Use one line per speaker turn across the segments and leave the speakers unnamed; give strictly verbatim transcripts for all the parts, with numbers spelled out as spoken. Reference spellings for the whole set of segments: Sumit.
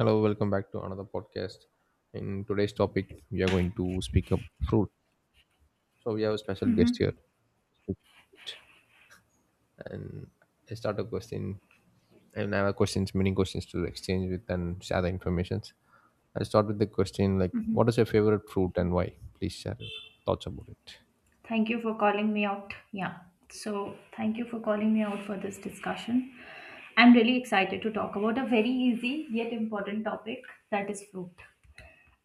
Hello, welcome back to another podcast. In today's topic, we are going to speak up fruit. So we have a special guest here,
Mm-hmm,
Sumit, and I start a question. And I have a questions, many questions to exchange with and share the informations. I'll start with the question like, what is
mm-hmm.
your favorite fruit and why? Please share your thoughts about it.
Thank you for calling me out. Yeah. So, thank you for calling me out for this discussion. I'm really excited to talk about a very easy yet important topic that is fruit.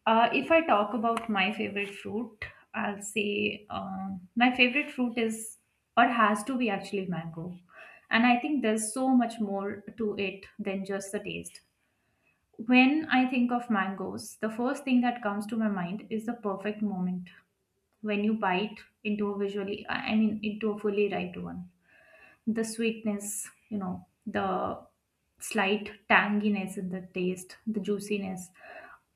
Uh, if I talk about my favorite fruit, I'll say um, my favorite fruit is or has to be actually mango. And I think there's so much more to it than just the taste. When I think of mangoes, the first thing that comes to my mind is the perfect moment when you bite into a visually I mean into a fully ripe one, the sweetness, you know the slight tanginess in the taste, the juiciness,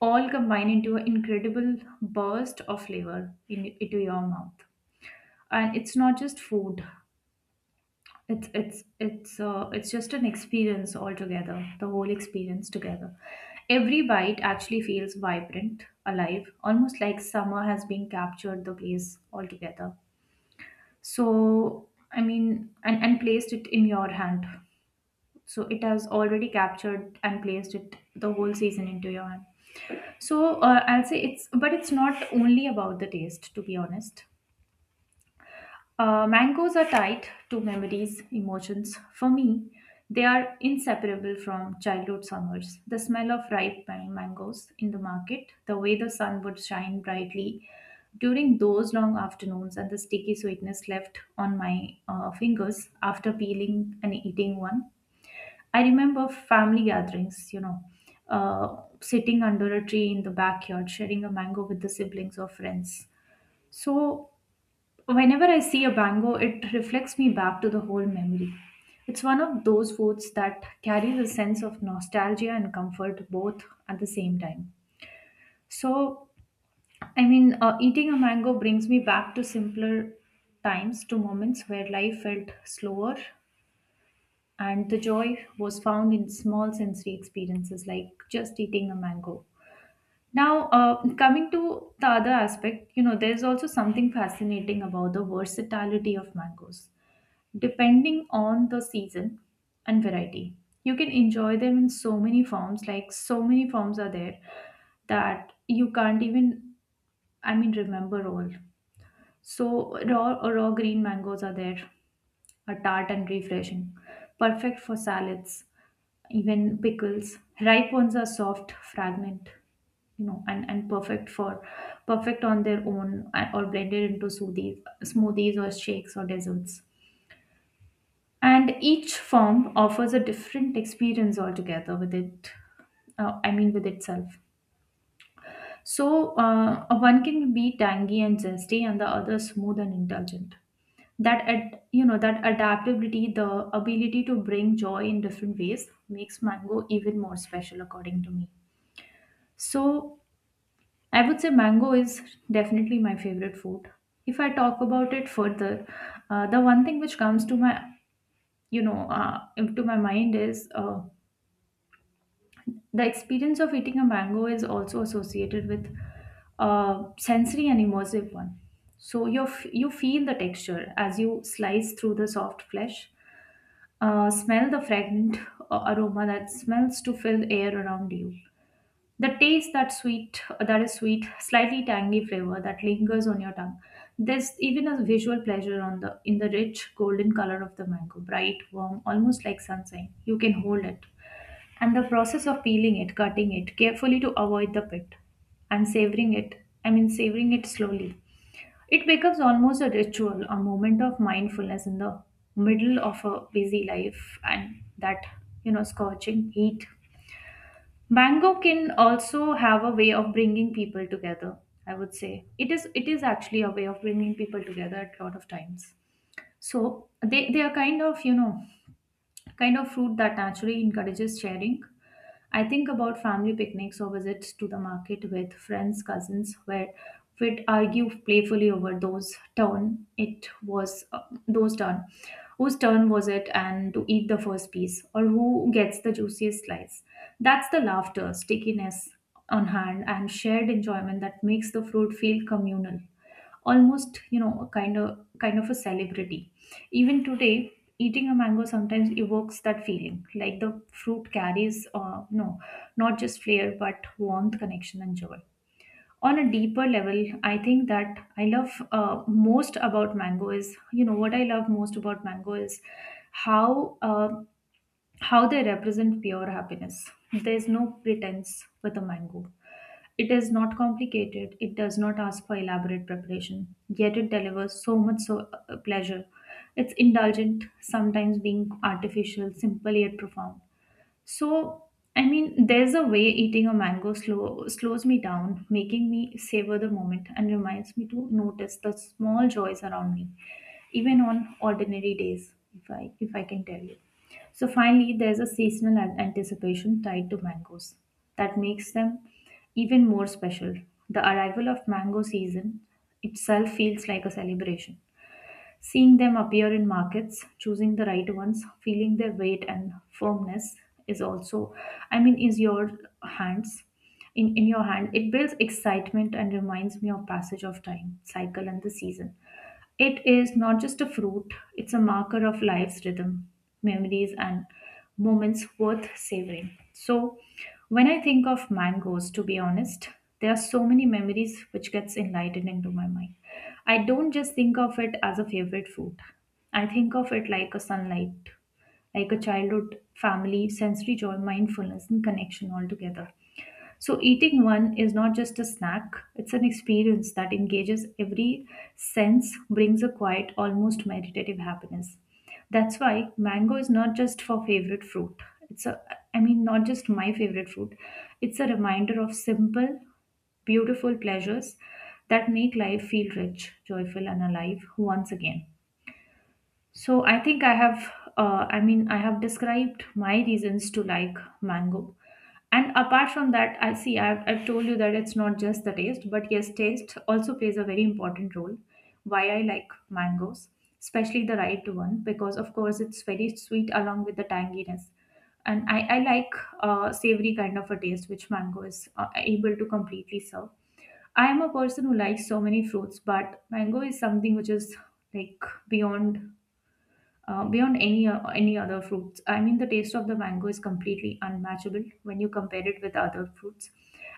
all combine into an incredible burst of flavor in, into your mouth. And it's not just food, it's it's it's uh, it's just an experience altogether, the whole experience together. Every bite actually feels vibrant, alive, almost like summer has been captured the place altogether. So, I mean, and, and placed it in your hand. So it has already captured and placed it, the whole season, into your hand. So uh, I'll say it's, but it's not only about the taste, to be honest. Uh, mangoes are tied to memories, emotions. For me, they are inseparable from childhood summers. The smell of ripe ma- mangoes in the market, the way the sun would shine brightly during those long afternoons, and the sticky sweetness left on my uh, fingers after peeling and eating one. I remember family gatherings, you know, uh, sitting under a tree in the backyard, sharing a mango with the siblings or friends. So whenever I see a mango, it reflects me back to the whole memory. It's one of those foods that carries a sense of nostalgia and comfort both at the same time. So, I mean, uh, Eating a mango brings me back to simpler times, to moments where life felt slower and the joy was found in small sensory experiences, like just eating a mango. Now, uh, coming to the other aspect, you know, there's also something fascinating about the versatility of mangoes depending on the season and variety. You can enjoy them in so many forms, like so many forms are there that you can't even, I mean, remember all. So, raw, raw green mangoes are there, are tart and refreshing, perfect for salads, even pickles. Ripe ones are soft, fragment, you know, and, and perfect for perfect on their own, uh, or blended into smoothies, smoothies or shakes or desserts. And each form offers a different experience altogether with it, uh, i mean with itself. So, uh, one can be tangy and zesty and the other smooth and indulgent. That ad- you know that adaptability, the ability to bring joy in different ways, makes mango even more special according to me. So I would say mango is definitely my favorite food. If I talk about it further, uh, the one thing which comes to my you know uh, to my mind is uh, the experience of eating a mango is also associated with a sensory and immersive one. So you f- you feel the texture as you slice through the soft flesh, uh, smell the fragrant uh, aroma that smells to fill the air around you. The taste that sweet, uh, that is sweet, slightly tangy flavor that lingers on your tongue. There's even a visual pleasure on the in the rich golden color of the mango, bright, warm, almost like sunshine. You can hold it, and the process of peeling it, cutting it carefully to avoid the pit, and savoring it, I mean, savoring it slowly. It becomes almost a ritual, a moment of mindfulness in the middle of a busy life and that, you know, scorching heat. Mango can also have a way of bringing people together, I would say. It is it is actually a way of bringing people together at a lot of times. So they, they are kind of, you know, kind of fruit that naturally encourages sharing. I think about family picnics or visits to the market with friends, cousins, where we'd argue playfully over those turn it was uh, those turn whose turn was it and to eat the first piece or who gets the juiciest slice. That's the laughter, stickiness on hand, and shared enjoyment that makes the fruit feel communal, almost, you know kind of kind of a celebrity. Even today, eating a mango sometimes evokes that feeling, like the fruit carries, uh, no, not just flavor, but warmth, connection, and joy. On a deeper level, I think that I love uh, most about mango is, you know, what I love most about mango is how uh, how they represent pure happiness. There's no pretense with a mango, it is not complicated, it does not ask for elaborate preparation, yet it delivers so much so, uh, pleasure. It's indulgent, sometimes being artificial, simple yet profound. So, I mean, there's a way eating a mango slow, slows me down, making me savor the moment and reminds me to notice the small joys around me, even on ordinary days, if I if I can tell you. So finally, there's a seasonal an- anticipation tied to mangoes that makes them even more special. The arrival of mango season itself feels like a celebration. Seeing them appear in markets, choosing the right ones, feeling their weight and firmness is also, I mean, is your hands. In, in your hand, it builds excitement and reminds me of passage of time, cycle, and the season. It is not just a fruit, it's a marker of life's rhythm, memories, and moments worth savoring. So, when I think of mangoes, to be honest, there are so many memories which gets enlightened into my mind. I don't just think of it as a favorite fruit. I think of it like a sunlight, like a childhood, family, sensory joy, mindfulness, and connection all together. So, eating one is not just a snack, it's an experience that engages every sense, brings a quiet, almost meditative happiness. That's why mango is not just for favorite fruit. It's a, I mean, not just my favorite fruit. It's a reminder of simple, beautiful pleasures that make life feel rich, joyful, and alive once again. So I think I have, uh, I mean, I have described my reasons to like mango. And apart from that, I see, I've, I've told you that it's not just the taste, but yes, taste also plays a very important role. Why I like mangoes, especially the ripe one, because of course it's very sweet along with the tanginess. And I, I like uh, savory kind of a taste, which mango is uh, able to completely serve. I am a person who likes so many fruits, but mango is something which is like beyond uh, beyond any o- any other fruits. I mean, the taste of the mango is completely unmatchable when you compare it with other fruits.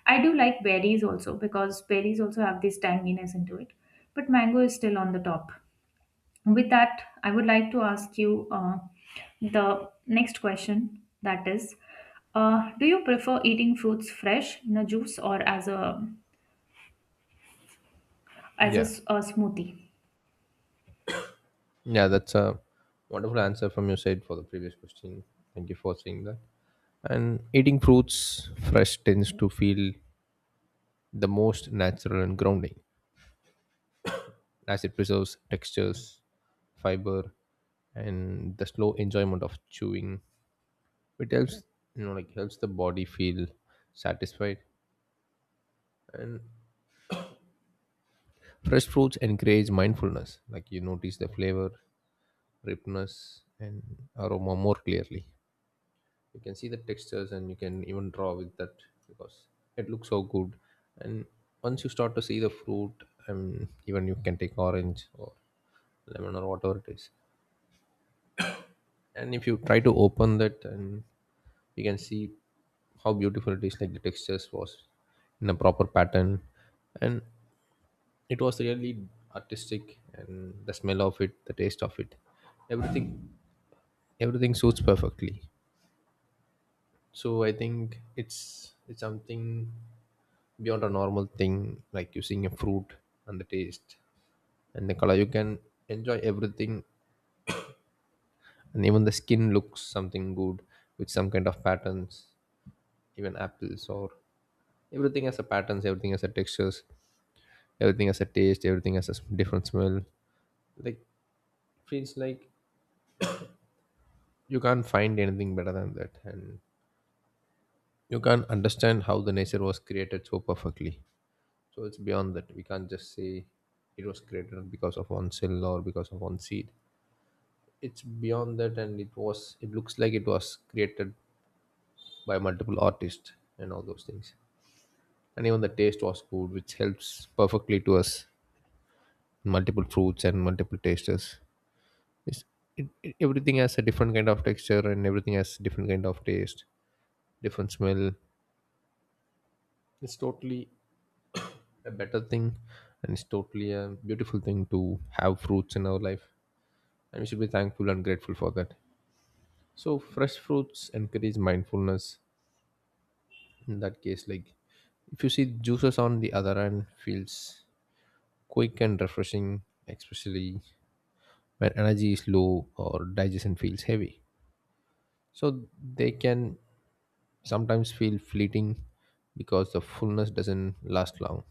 I do like berries also because berries also have this tanginess into it, but mango is still on the top. With that, I would like to ask you uh, the next question. That is, uh, do you prefer eating fruits fresh in a juice or as a as a
Yeah,
s a smoothie?
yeah, that's a wonderful answer from your side for the previous question. Thank you for saying that. And eating fruits fresh tends to feel the most natural and grounding as it preserves textures, fiber, and the slow enjoyment of chewing. It helps, you know, like helps the body feel satisfied. And fresh fruits encourage mindfulness. Like you notice the flavor, ripeness, and aroma more clearly. You can see the textures, and you can even draw with that because it looks so good. And once you start to see the fruit, um, even you can take orange or lemon or whatever it is, and if you try to open that, and you can see how beautiful it is, like the textures was in a proper pattern, and it was really artistic, and the smell of it, the taste of it, everything everything suits perfectly. So I think it's it's something beyond a normal thing, like using a fruit, and the taste and the color, you can enjoy everything. And even the skin looks something good with some kind of patterns, even apples or everything has a patterns, everything has a textures, everything has a taste, everything has a s- different smell. Like feels like you can't find anything better than that, and you can't understand how the nature was created so perfectly. So it's beyond that. We can't just say it was created because of one cell or because of one seed. It's beyond that, and it was, it looks like it was created by multiple artists and all those things. And even the taste was good, which helps perfectly to us multiple fruits and multiple tastes. It's, it, it- Everything has a different kind of texture and everything has different kind of taste, different smell. It's totally a better thing, and it's totally a beautiful thing to have fruits in our life, and we should be thankful and grateful for that. So fresh fruits encourage mindfulness. In that case, like if you see juices on the other hand, feels quick and refreshing, especially when energy is low or digestion feels heavy, so they can sometimes feel fleeting because the fullness doesn't last long.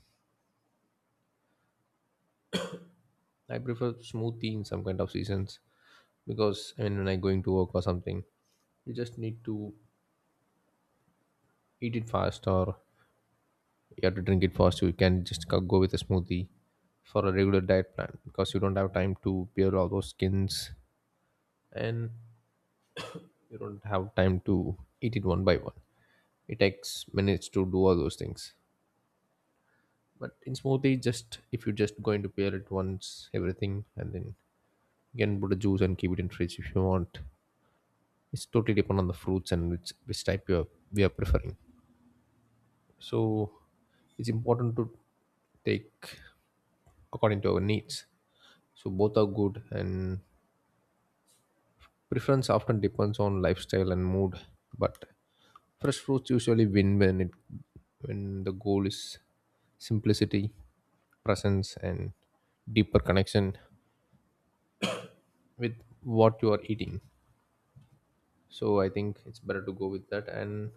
I prefer smooth tea in some kind of seasons because, I mean, when I going to work or something, you just need to eat it fast or you have to drink it fast. You can just go go with a smoothie for a regular diet plan because you don't have time to peel all those skins, and you don't have time to eat it one by one. It takes minutes to do all those things. But in smoothie, just if you just going to peel it once, everything, and then you can put a juice and keep it in fridge if you want. It's totally depend on the fruits and which which type you are, we are preferring. So it's important to take according to our needs. So both are good, and preference often depends on lifestyle and mood. But fresh fruits usually win when it when the goal is simplicity, presence, and deeper connection with what you are eating. So I think it's better to go with that, and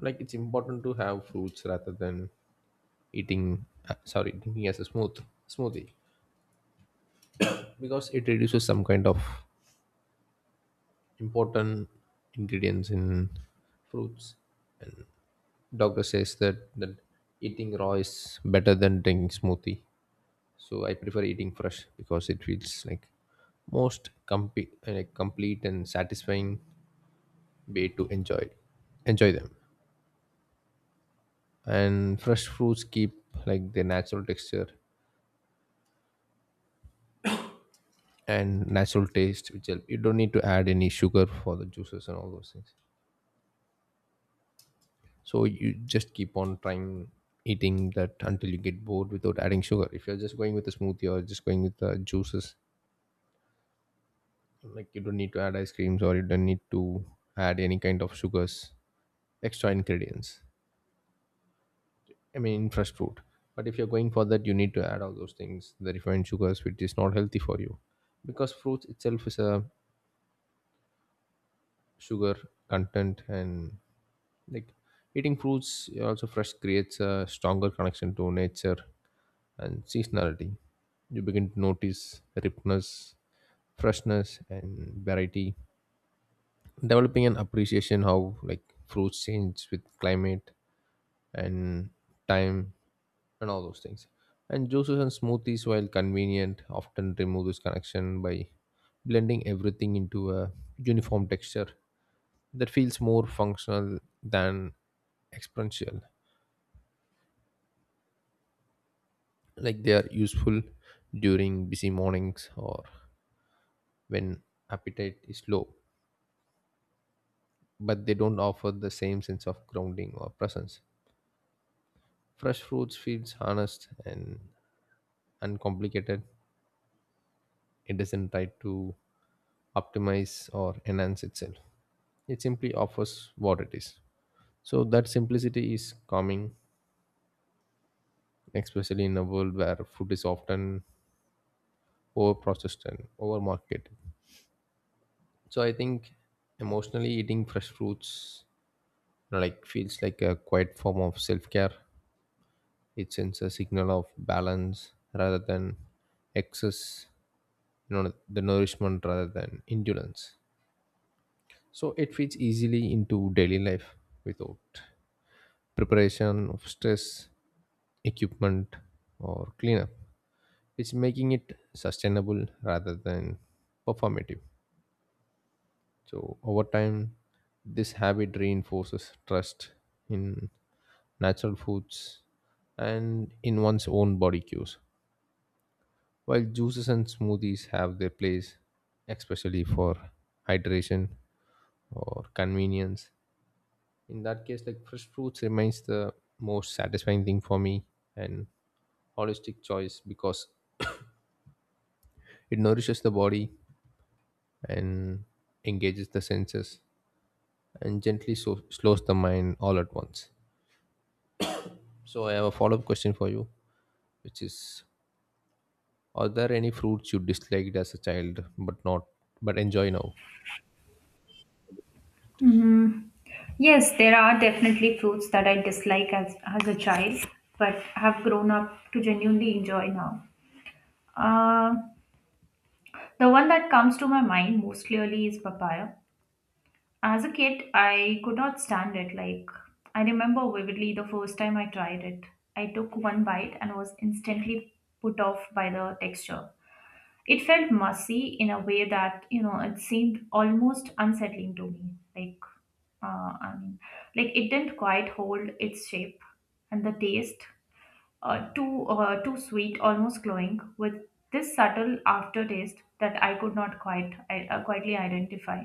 like it's important to have fruits rather than eating, uh, sorry, drinking as a smooth smoothie, because it reduces some kind of important ingredients in fruits. Doctor says that that eating raw is better than drinking smoothie. So I prefer eating fresh because it feels like most complete, like complete and satisfying way to enjoy enjoy them. And fresh fruits keep like their natural texture and natural taste, which help you don't need to add any sugar for the juices and all those things. So you just keep on trying eating that until you get bored without adding sugar if you're just going with a smoothie or just going with the juices. Like you don't need to add ice creams or you don't need to add any kind of sugars, extra ingredients, I mean, fresh fruit. But if you're going for that, you need to add all those things, the refined sugars, which is not healthy for you, because fruits itself is a sugar content. And like eating fruits also fresh creates a stronger connection to nature and seasonality. You begin to notice ripeness, freshness, and variety, developing an appreciation how like fruits change with climate and time and all those things. And juices and smoothies, while convenient, often remove this connection by blending everything into a uniform texture that feels more functional than experiential. Like they are useful during busy mornings or when appetite is low, but they don't offer the same sense of grounding or presence. Fresh fruits feels honest and uncomplicated. It doesn't try to optimize or enhance itself. It simply offers what it is, so that simplicity is calming, especially in a world where food is often overprocessed and overmarketed. So I think emotionally eating fresh fruits, know, like feels like a quiet form of self-care. It sends a signal of balance rather than excess, you know, the nourishment rather than indulgence. So it fits easily into daily life without preparation of stress, equipment, or cleanup. It's making it sustainable rather than performative. So over time, this habit reinforces trust in natural foods and in one's own body cues, while juices and smoothies have their place, especially for hydration or convenience. In that case, like fresh fruits remains the most satisfying thing for me and holistic choice, because it nourishes the body and engages the senses and gently so- slows the mind all at once. So I have a follow-up question for you, which is, are there any fruits you disliked as a child but not but enjoy now?
Hmm. Yes, there are definitely fruits that I dislike as, as a child, but have grown up to genuinely enjoy now. Uh, the one that comes to my mind most clearly is papaya. As a kid, I could not stand it. Like, I remember vividly the first time I tried it. I took one bite and was instantly put off by the texture. It felt messy in a way that, you know, it seemed almost unsettling to me. Like, uh, I mean, like it didn't quite hold its shape, and the taste, uh, too, uh, too sweet, almost glowing, with this subtle aftertaste that I could not quite, I, uh, quietly identify,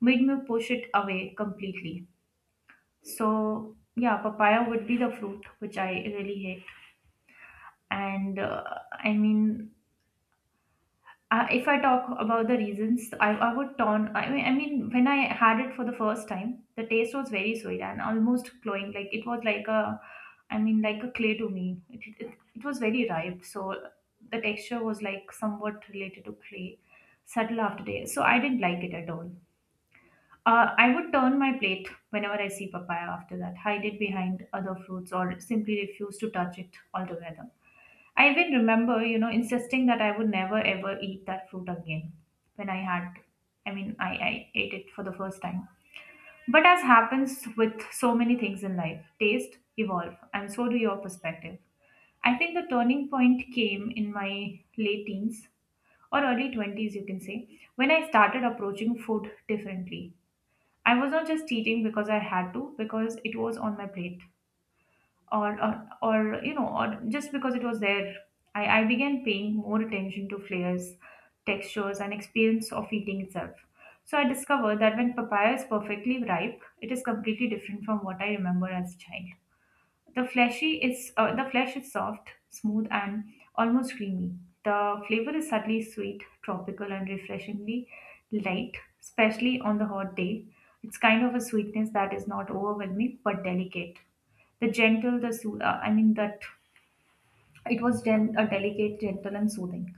made me push it away completely. So, yeah, papaya would be the fruit which I really hate. And uh, I mean, uh, if I talk about the reasons, I, I would turn. I mean, I mean, when I had it for the first time, the taste was very sweet and almost cloying. Like it was like a, I mean, like a clay to me. It, it, it was very ripe, so the texture was like somewhat related to clay, subtle after day. So I didn't like it at all. Uh, I would turn my plate whenever I see papaya after that, hide it behind other fruits, or simply refuse to touch it altogether. I even remember, you know, insisting that I would never ever eat that fruit again when I had, I mean, I, I ate it for the first time. But as happens with so many things in life, taste evolve, and so do your perspective. I think the turning point came in my late teens or early twenties, you can say, when I started approaching food differently. I was not just eating because I had to, because it was on my plate or, or or you know or just because it was there. I, I began paying more attention to flavors, textures and experience of eating itself. So I discovered that when papaya is perfectly ripe, it is completely different from what I remember as a child. The fleshy is uh, the flesh is soft, smooth, and almost creamy. The flavor is subtly sweet, tropical, and refreshingly light, especially on the hot day. It's kind of a sweetness that is not overwhelming but delicate. The gentle, the soo- uh, I mean that it was gen- a delicate, gentle, and soothing.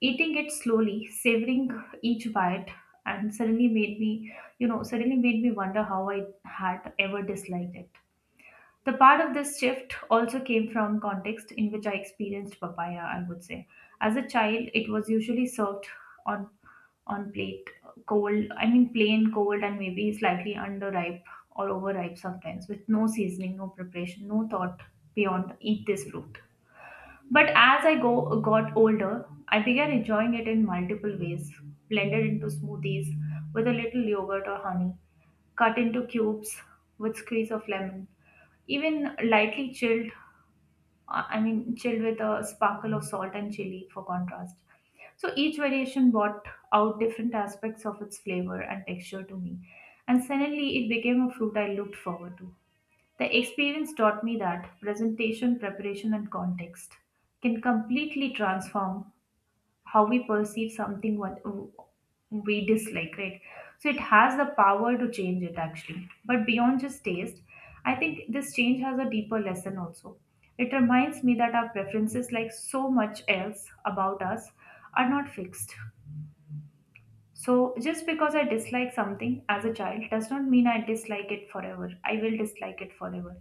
Eating it slowly, savoring each bite, and suddenly made me, you know, suddenly made me wonder how I had ever disliked it. The part of this shift also came from context in which I experienced papaya, I would say. As a child, it was usually served on on plate cold, I mean plain cold, and maybe slightly underripe or overripe, sometimes with no seasoning, no preparation, no thought beyond eat this fruit. But as I go got older, I began enjoying it in multiple ways, blended into smoothies with a little yogurt or honey, cut into cubes with squeeze of lemon, even lightly chilled uh, I mean chilled with a sparkle of salt and chili for contrast. So each variation brought out different aspects of its flavor and texture to me, and suddenly it became a fruit I looked forward to. The experience taught me that presentation, preparation and context can completely transform how we perceive something, what we dislike, right? So it has the power to change it actually. But beyond just taste, I think this change has a deeper lesson also. It reminds me that our preferences, like so much else about us, are not fixed. So just because I dislike something as a child does not mean i dislike it forever I will dislike it forever.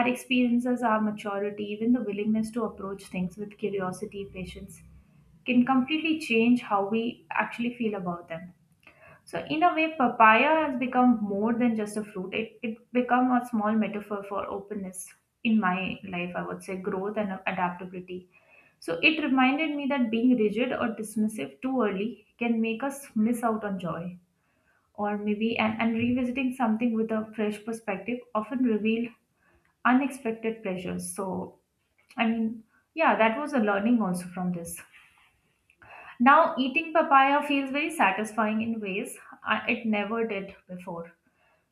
Our experiences, our maturity, even the willingness to approach things with curiosity, patience, can completely change how we actually feel about them. So in a way, papaya has become more than just a fruit. It it become a small metaphor for openness in my life, I would say, growth and adaptability. So it reminded me that being rigid or dismissive too early can make us miss out on joy. Or maybe and, and revisiting something with a fresh perspective often revealed unexpected pleasures. So I mean, yeah, that was a learning also from this. Now, eating papaya feels very satisfying in ways uh, it never did before.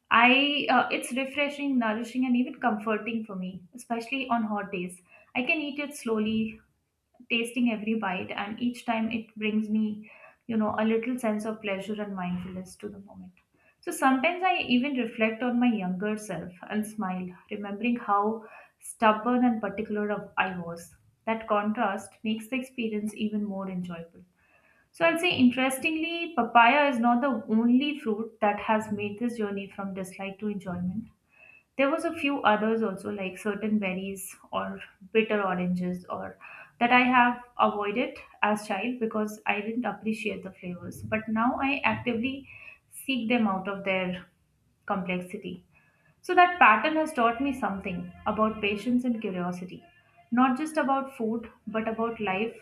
I uh, It's refreshing, nourishing, and even comforting for me, especially on hot days. I can eat it slowly, tasting every bite, and each time it brings me, you know, a little sense of pleasure and mindfulness to the moment. So sometimes I even reflect on my younger self and smile, remembering how stubborn and particular of- I was. That contrast makes the experience even more enjoyable. So I'll say, interestingly, papaya is not the only fruit that has made this journey from dislike to enjoyment. There was a few others also, like certain berries or bitter oranges, or that I have avoided as child because I didn't appreciate the flavors. But now I actively seek them out of their complexity. So that pattern has taught me something about patience and curiosity, not just about food, but about life.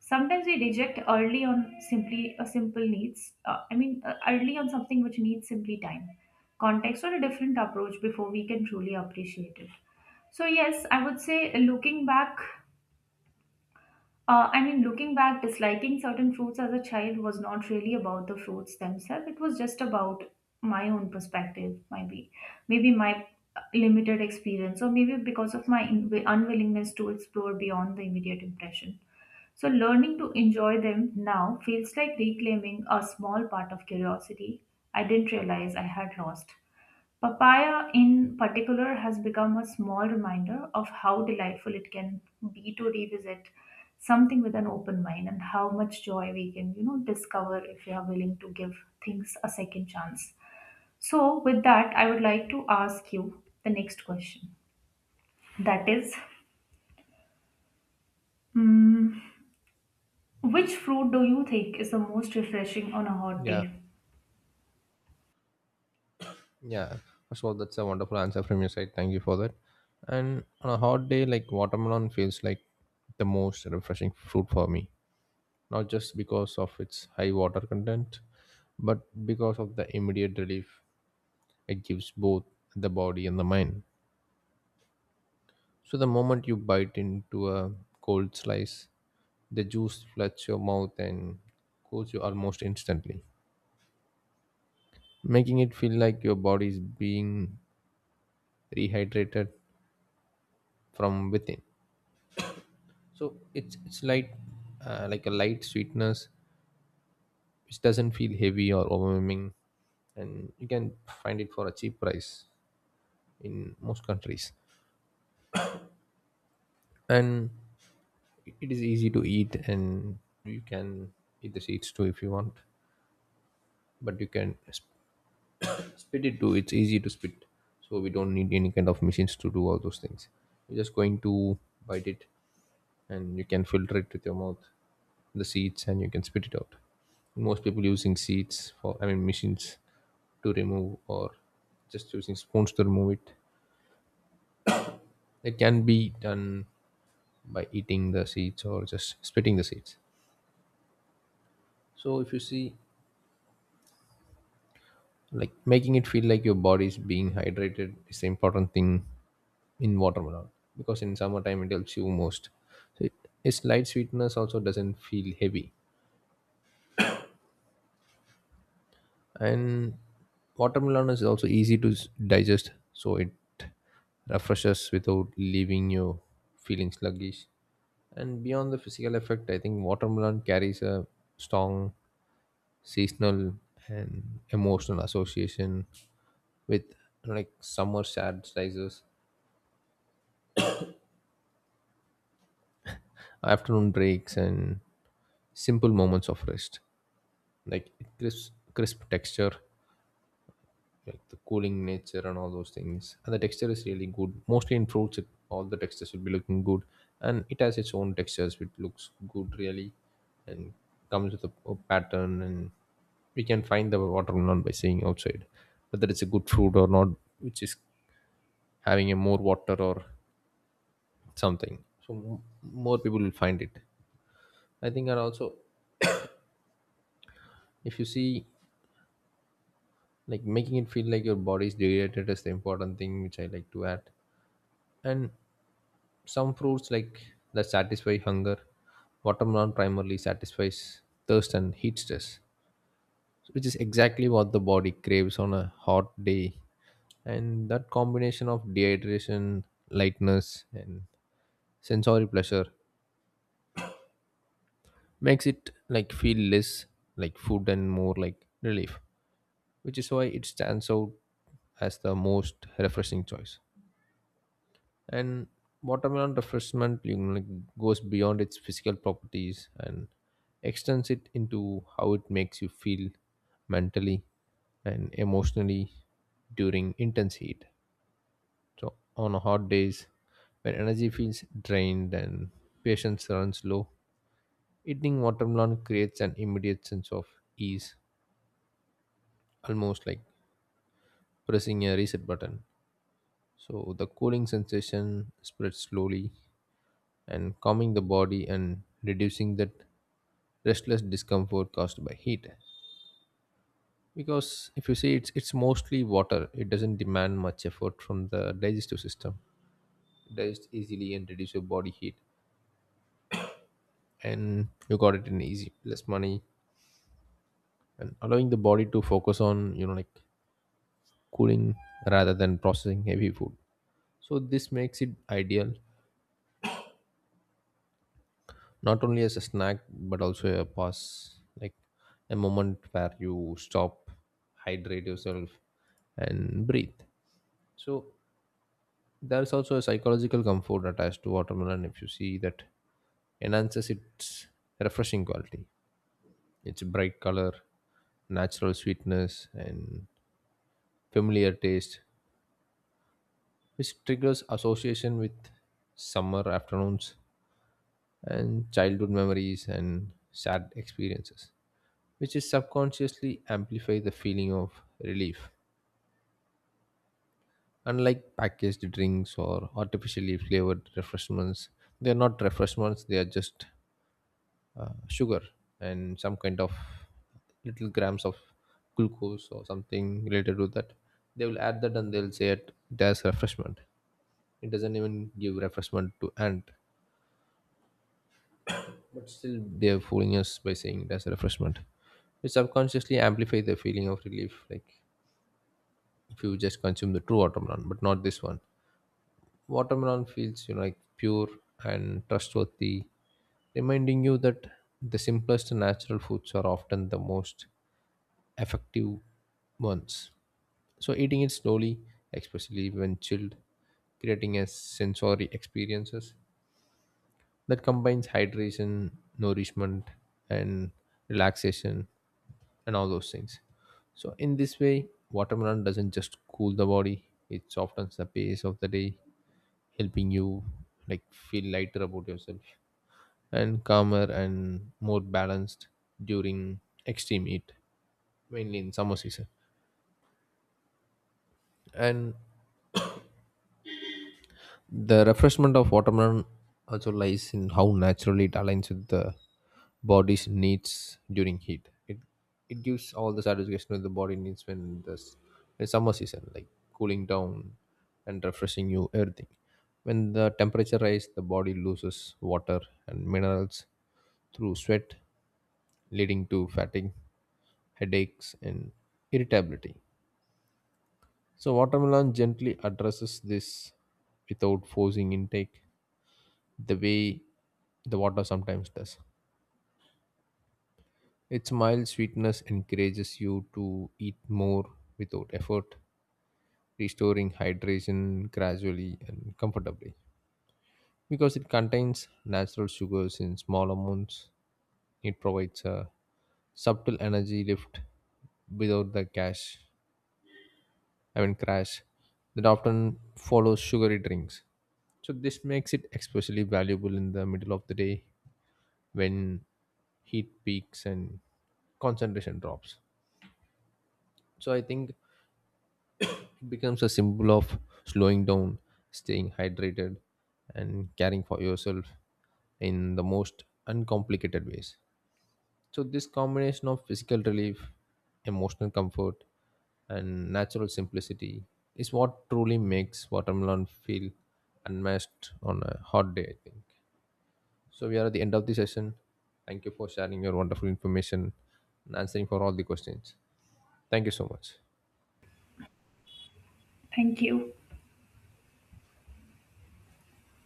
Sometimes we reject early on simply a simple needs uh, I mean uh, early on something which needs simply time, context or a different approach before we can truly appreciate it. So yes, I would say, uh, looking back uh, i mean looking back, disliking certain fruits as a child was not really about the fruits themselves. It was just about my own perspective, maybe. Maybe my uh, limited experience, or maybe because of my in- unwillingness to explore beyond the immediate impression. So, learning to enjoy them now feels like reclaiming a small part of curiosity I didn't realize I had lost. Papaya, in particular, has become a small reminder of how delightful it can be to revisit something with an open mind, and how much joy we can, you know, discover if we are willing to give things a second chance. So, with that, I would like to ask you the next question. That is, mm, which fruit do you think is the most refreshing on a hot
Yeah,
day?
yeah. First of all, that's a wonderful answer from your side. Thank you for that. And on a hot day, like watermelon feels like the most refreshing fruit for me. Not just because of its high water content, but because of the immediate relief it gives both the body and the mind. So the moment you bite into a cold slice, the juice floods your mouth and cools you almost instantly, making it feel like your body is being rehydrated from within. So it's it's light, uh, like a light sweetness, which doesn't feel heavy or overwhelming, and you can find it for a cheap price in most countries. And it is easy to eat, and you can eat the seeds too if you want, but you can spit it too. It's easy to spit, so we don't need any kind of machines to do all those things. You're just going to bite it, and you can filter it with your mouth, the seeds, and you can spit it out. Most people using seeds for, I mean, machines to remove or just using spoons to remove it. It can be done by eating the seeds or just spitting the seeds. So if you see, like making it feel like your body is being hydrated is the important thing in watermelon, because in summertime it helps you most. So it, its light sweetness also doesn't feel heavy, and watermelon is also easy to s- digest, so it refreshes without leaving you feeling sluggish. And beyond the physical effect, I think watermelon carries a strong seasonal and emotional association with like summer sad sizes, afternoon breaks, and simple moments of rest. Like crisp crisp texture, like the cooling nature and all those things, and the texture is really good. Mostly in fruits it, all the textures will be looking good, and it has its own textures which looks good really, and comes with a, a pattern. And we can find the watermelon by seeing outside whether it's a good fruit or not, which is having a more water or something, so m- more people will find it, I think. And also if you see, like making it feel like your body is dehydrated is the important thing which I like to add. And some fruits like that satisfy hunger. Watermelon primarily satisfies thirst and heat stress, which is exactly what the body craves on a hot day. And that combination of dehydration, lightness, and sensory pleasure makes it like feel less like food and more like relief, which is why it stands out as the most refreshing choice. And watermelon refreshment, you know, like goes beyond its physical properties and extends it into how it makes you feel mentally and emotionally during intense heat. So on hot days, when energy feels drained and patience runs low, eating watermelon creates an immediate sense of ease, almost like pressing a reset button. So the cooling sensation spreads slowly, and calming the body and reducing that restless discomfort caused by heat. Because if you see, it's it's mostly water, it doesn't demand much effort from the digestive system. It digests easily and reduce your body heat, and you got it in easy less money, and allowing the body to focus on, you know like cooling, rather than processing heavy food. So this makes it ideal, not only as a snack but also a pause, like a moment where you stop, hydrate yourself, and breathe. So there's also a psychological comfort attached to watermelon, if you see, that enhances its refreshing quality. Its bright color, natural sweetness, and familiar taste, which triggers association with summer afternoons and childhood memories and sad experiences, which is subconsciously amplify the feeling of relief. Unlike packaged drinks or artificially flavored refreshments, they are not refreshments, they are just uh, sugar and some kind of little grams of glucose or something related to that. They will add that and they'll say it as refreshment. It doesn't even give refreshment to ant, but still they are fooling us by saying it as a refreshment. It subconsciously amplify the feeling of relief, like if you just consume the true watermelon, but not this one. Watermelon feels, you know like pure and trustworthy, reminding you that the simplest natural foods are often the most effective ones. So eating it slowly, especially when chilled, creating a sensory experiences that combines hydration, nourishment, and relaxation and all those things. So in this way, watermelon doesn't just cool the body; it softens the pace of the day, helping you like feel lighter about yourself and calmer and more balanced during extreme heat, mainly in summer season. And the refreshment of watermelon also lies in how naturally it aligns with the body's needs during heat. It it gives all the satisfaction that the body needs when the s- the summer season, like cooling down and refreshing you everything. When the temperature rises, the body loses water and minerals through sweat, leading to fatigue, headaches, and irritability. So watermelon gently addresses this without forcing intake the way the water sometimes does. Its mild sweetness encourages you to eat more without effort, restoring hydration gradually and comfortably. Because it contains natural sugars in small amounts, it provides a subtle energy lift without the cash, I mean crash, that often follows sugary drinks. So this makes it especially valuable in the middle of the day when heat peaks and concentration drops. So I think it becomes a symbol of slowing down, staying hydrated, and caring for yourself in the most uncomplicated ways. So this combination of physical relief, emotional comfort, and natural simplicity is what truly makes watermelon feel unmatched on a hot day, I think. So we are at the end of the session. Thank you for sharing your wonderful information and answering for all the questions. Thank you so much.
Thank you.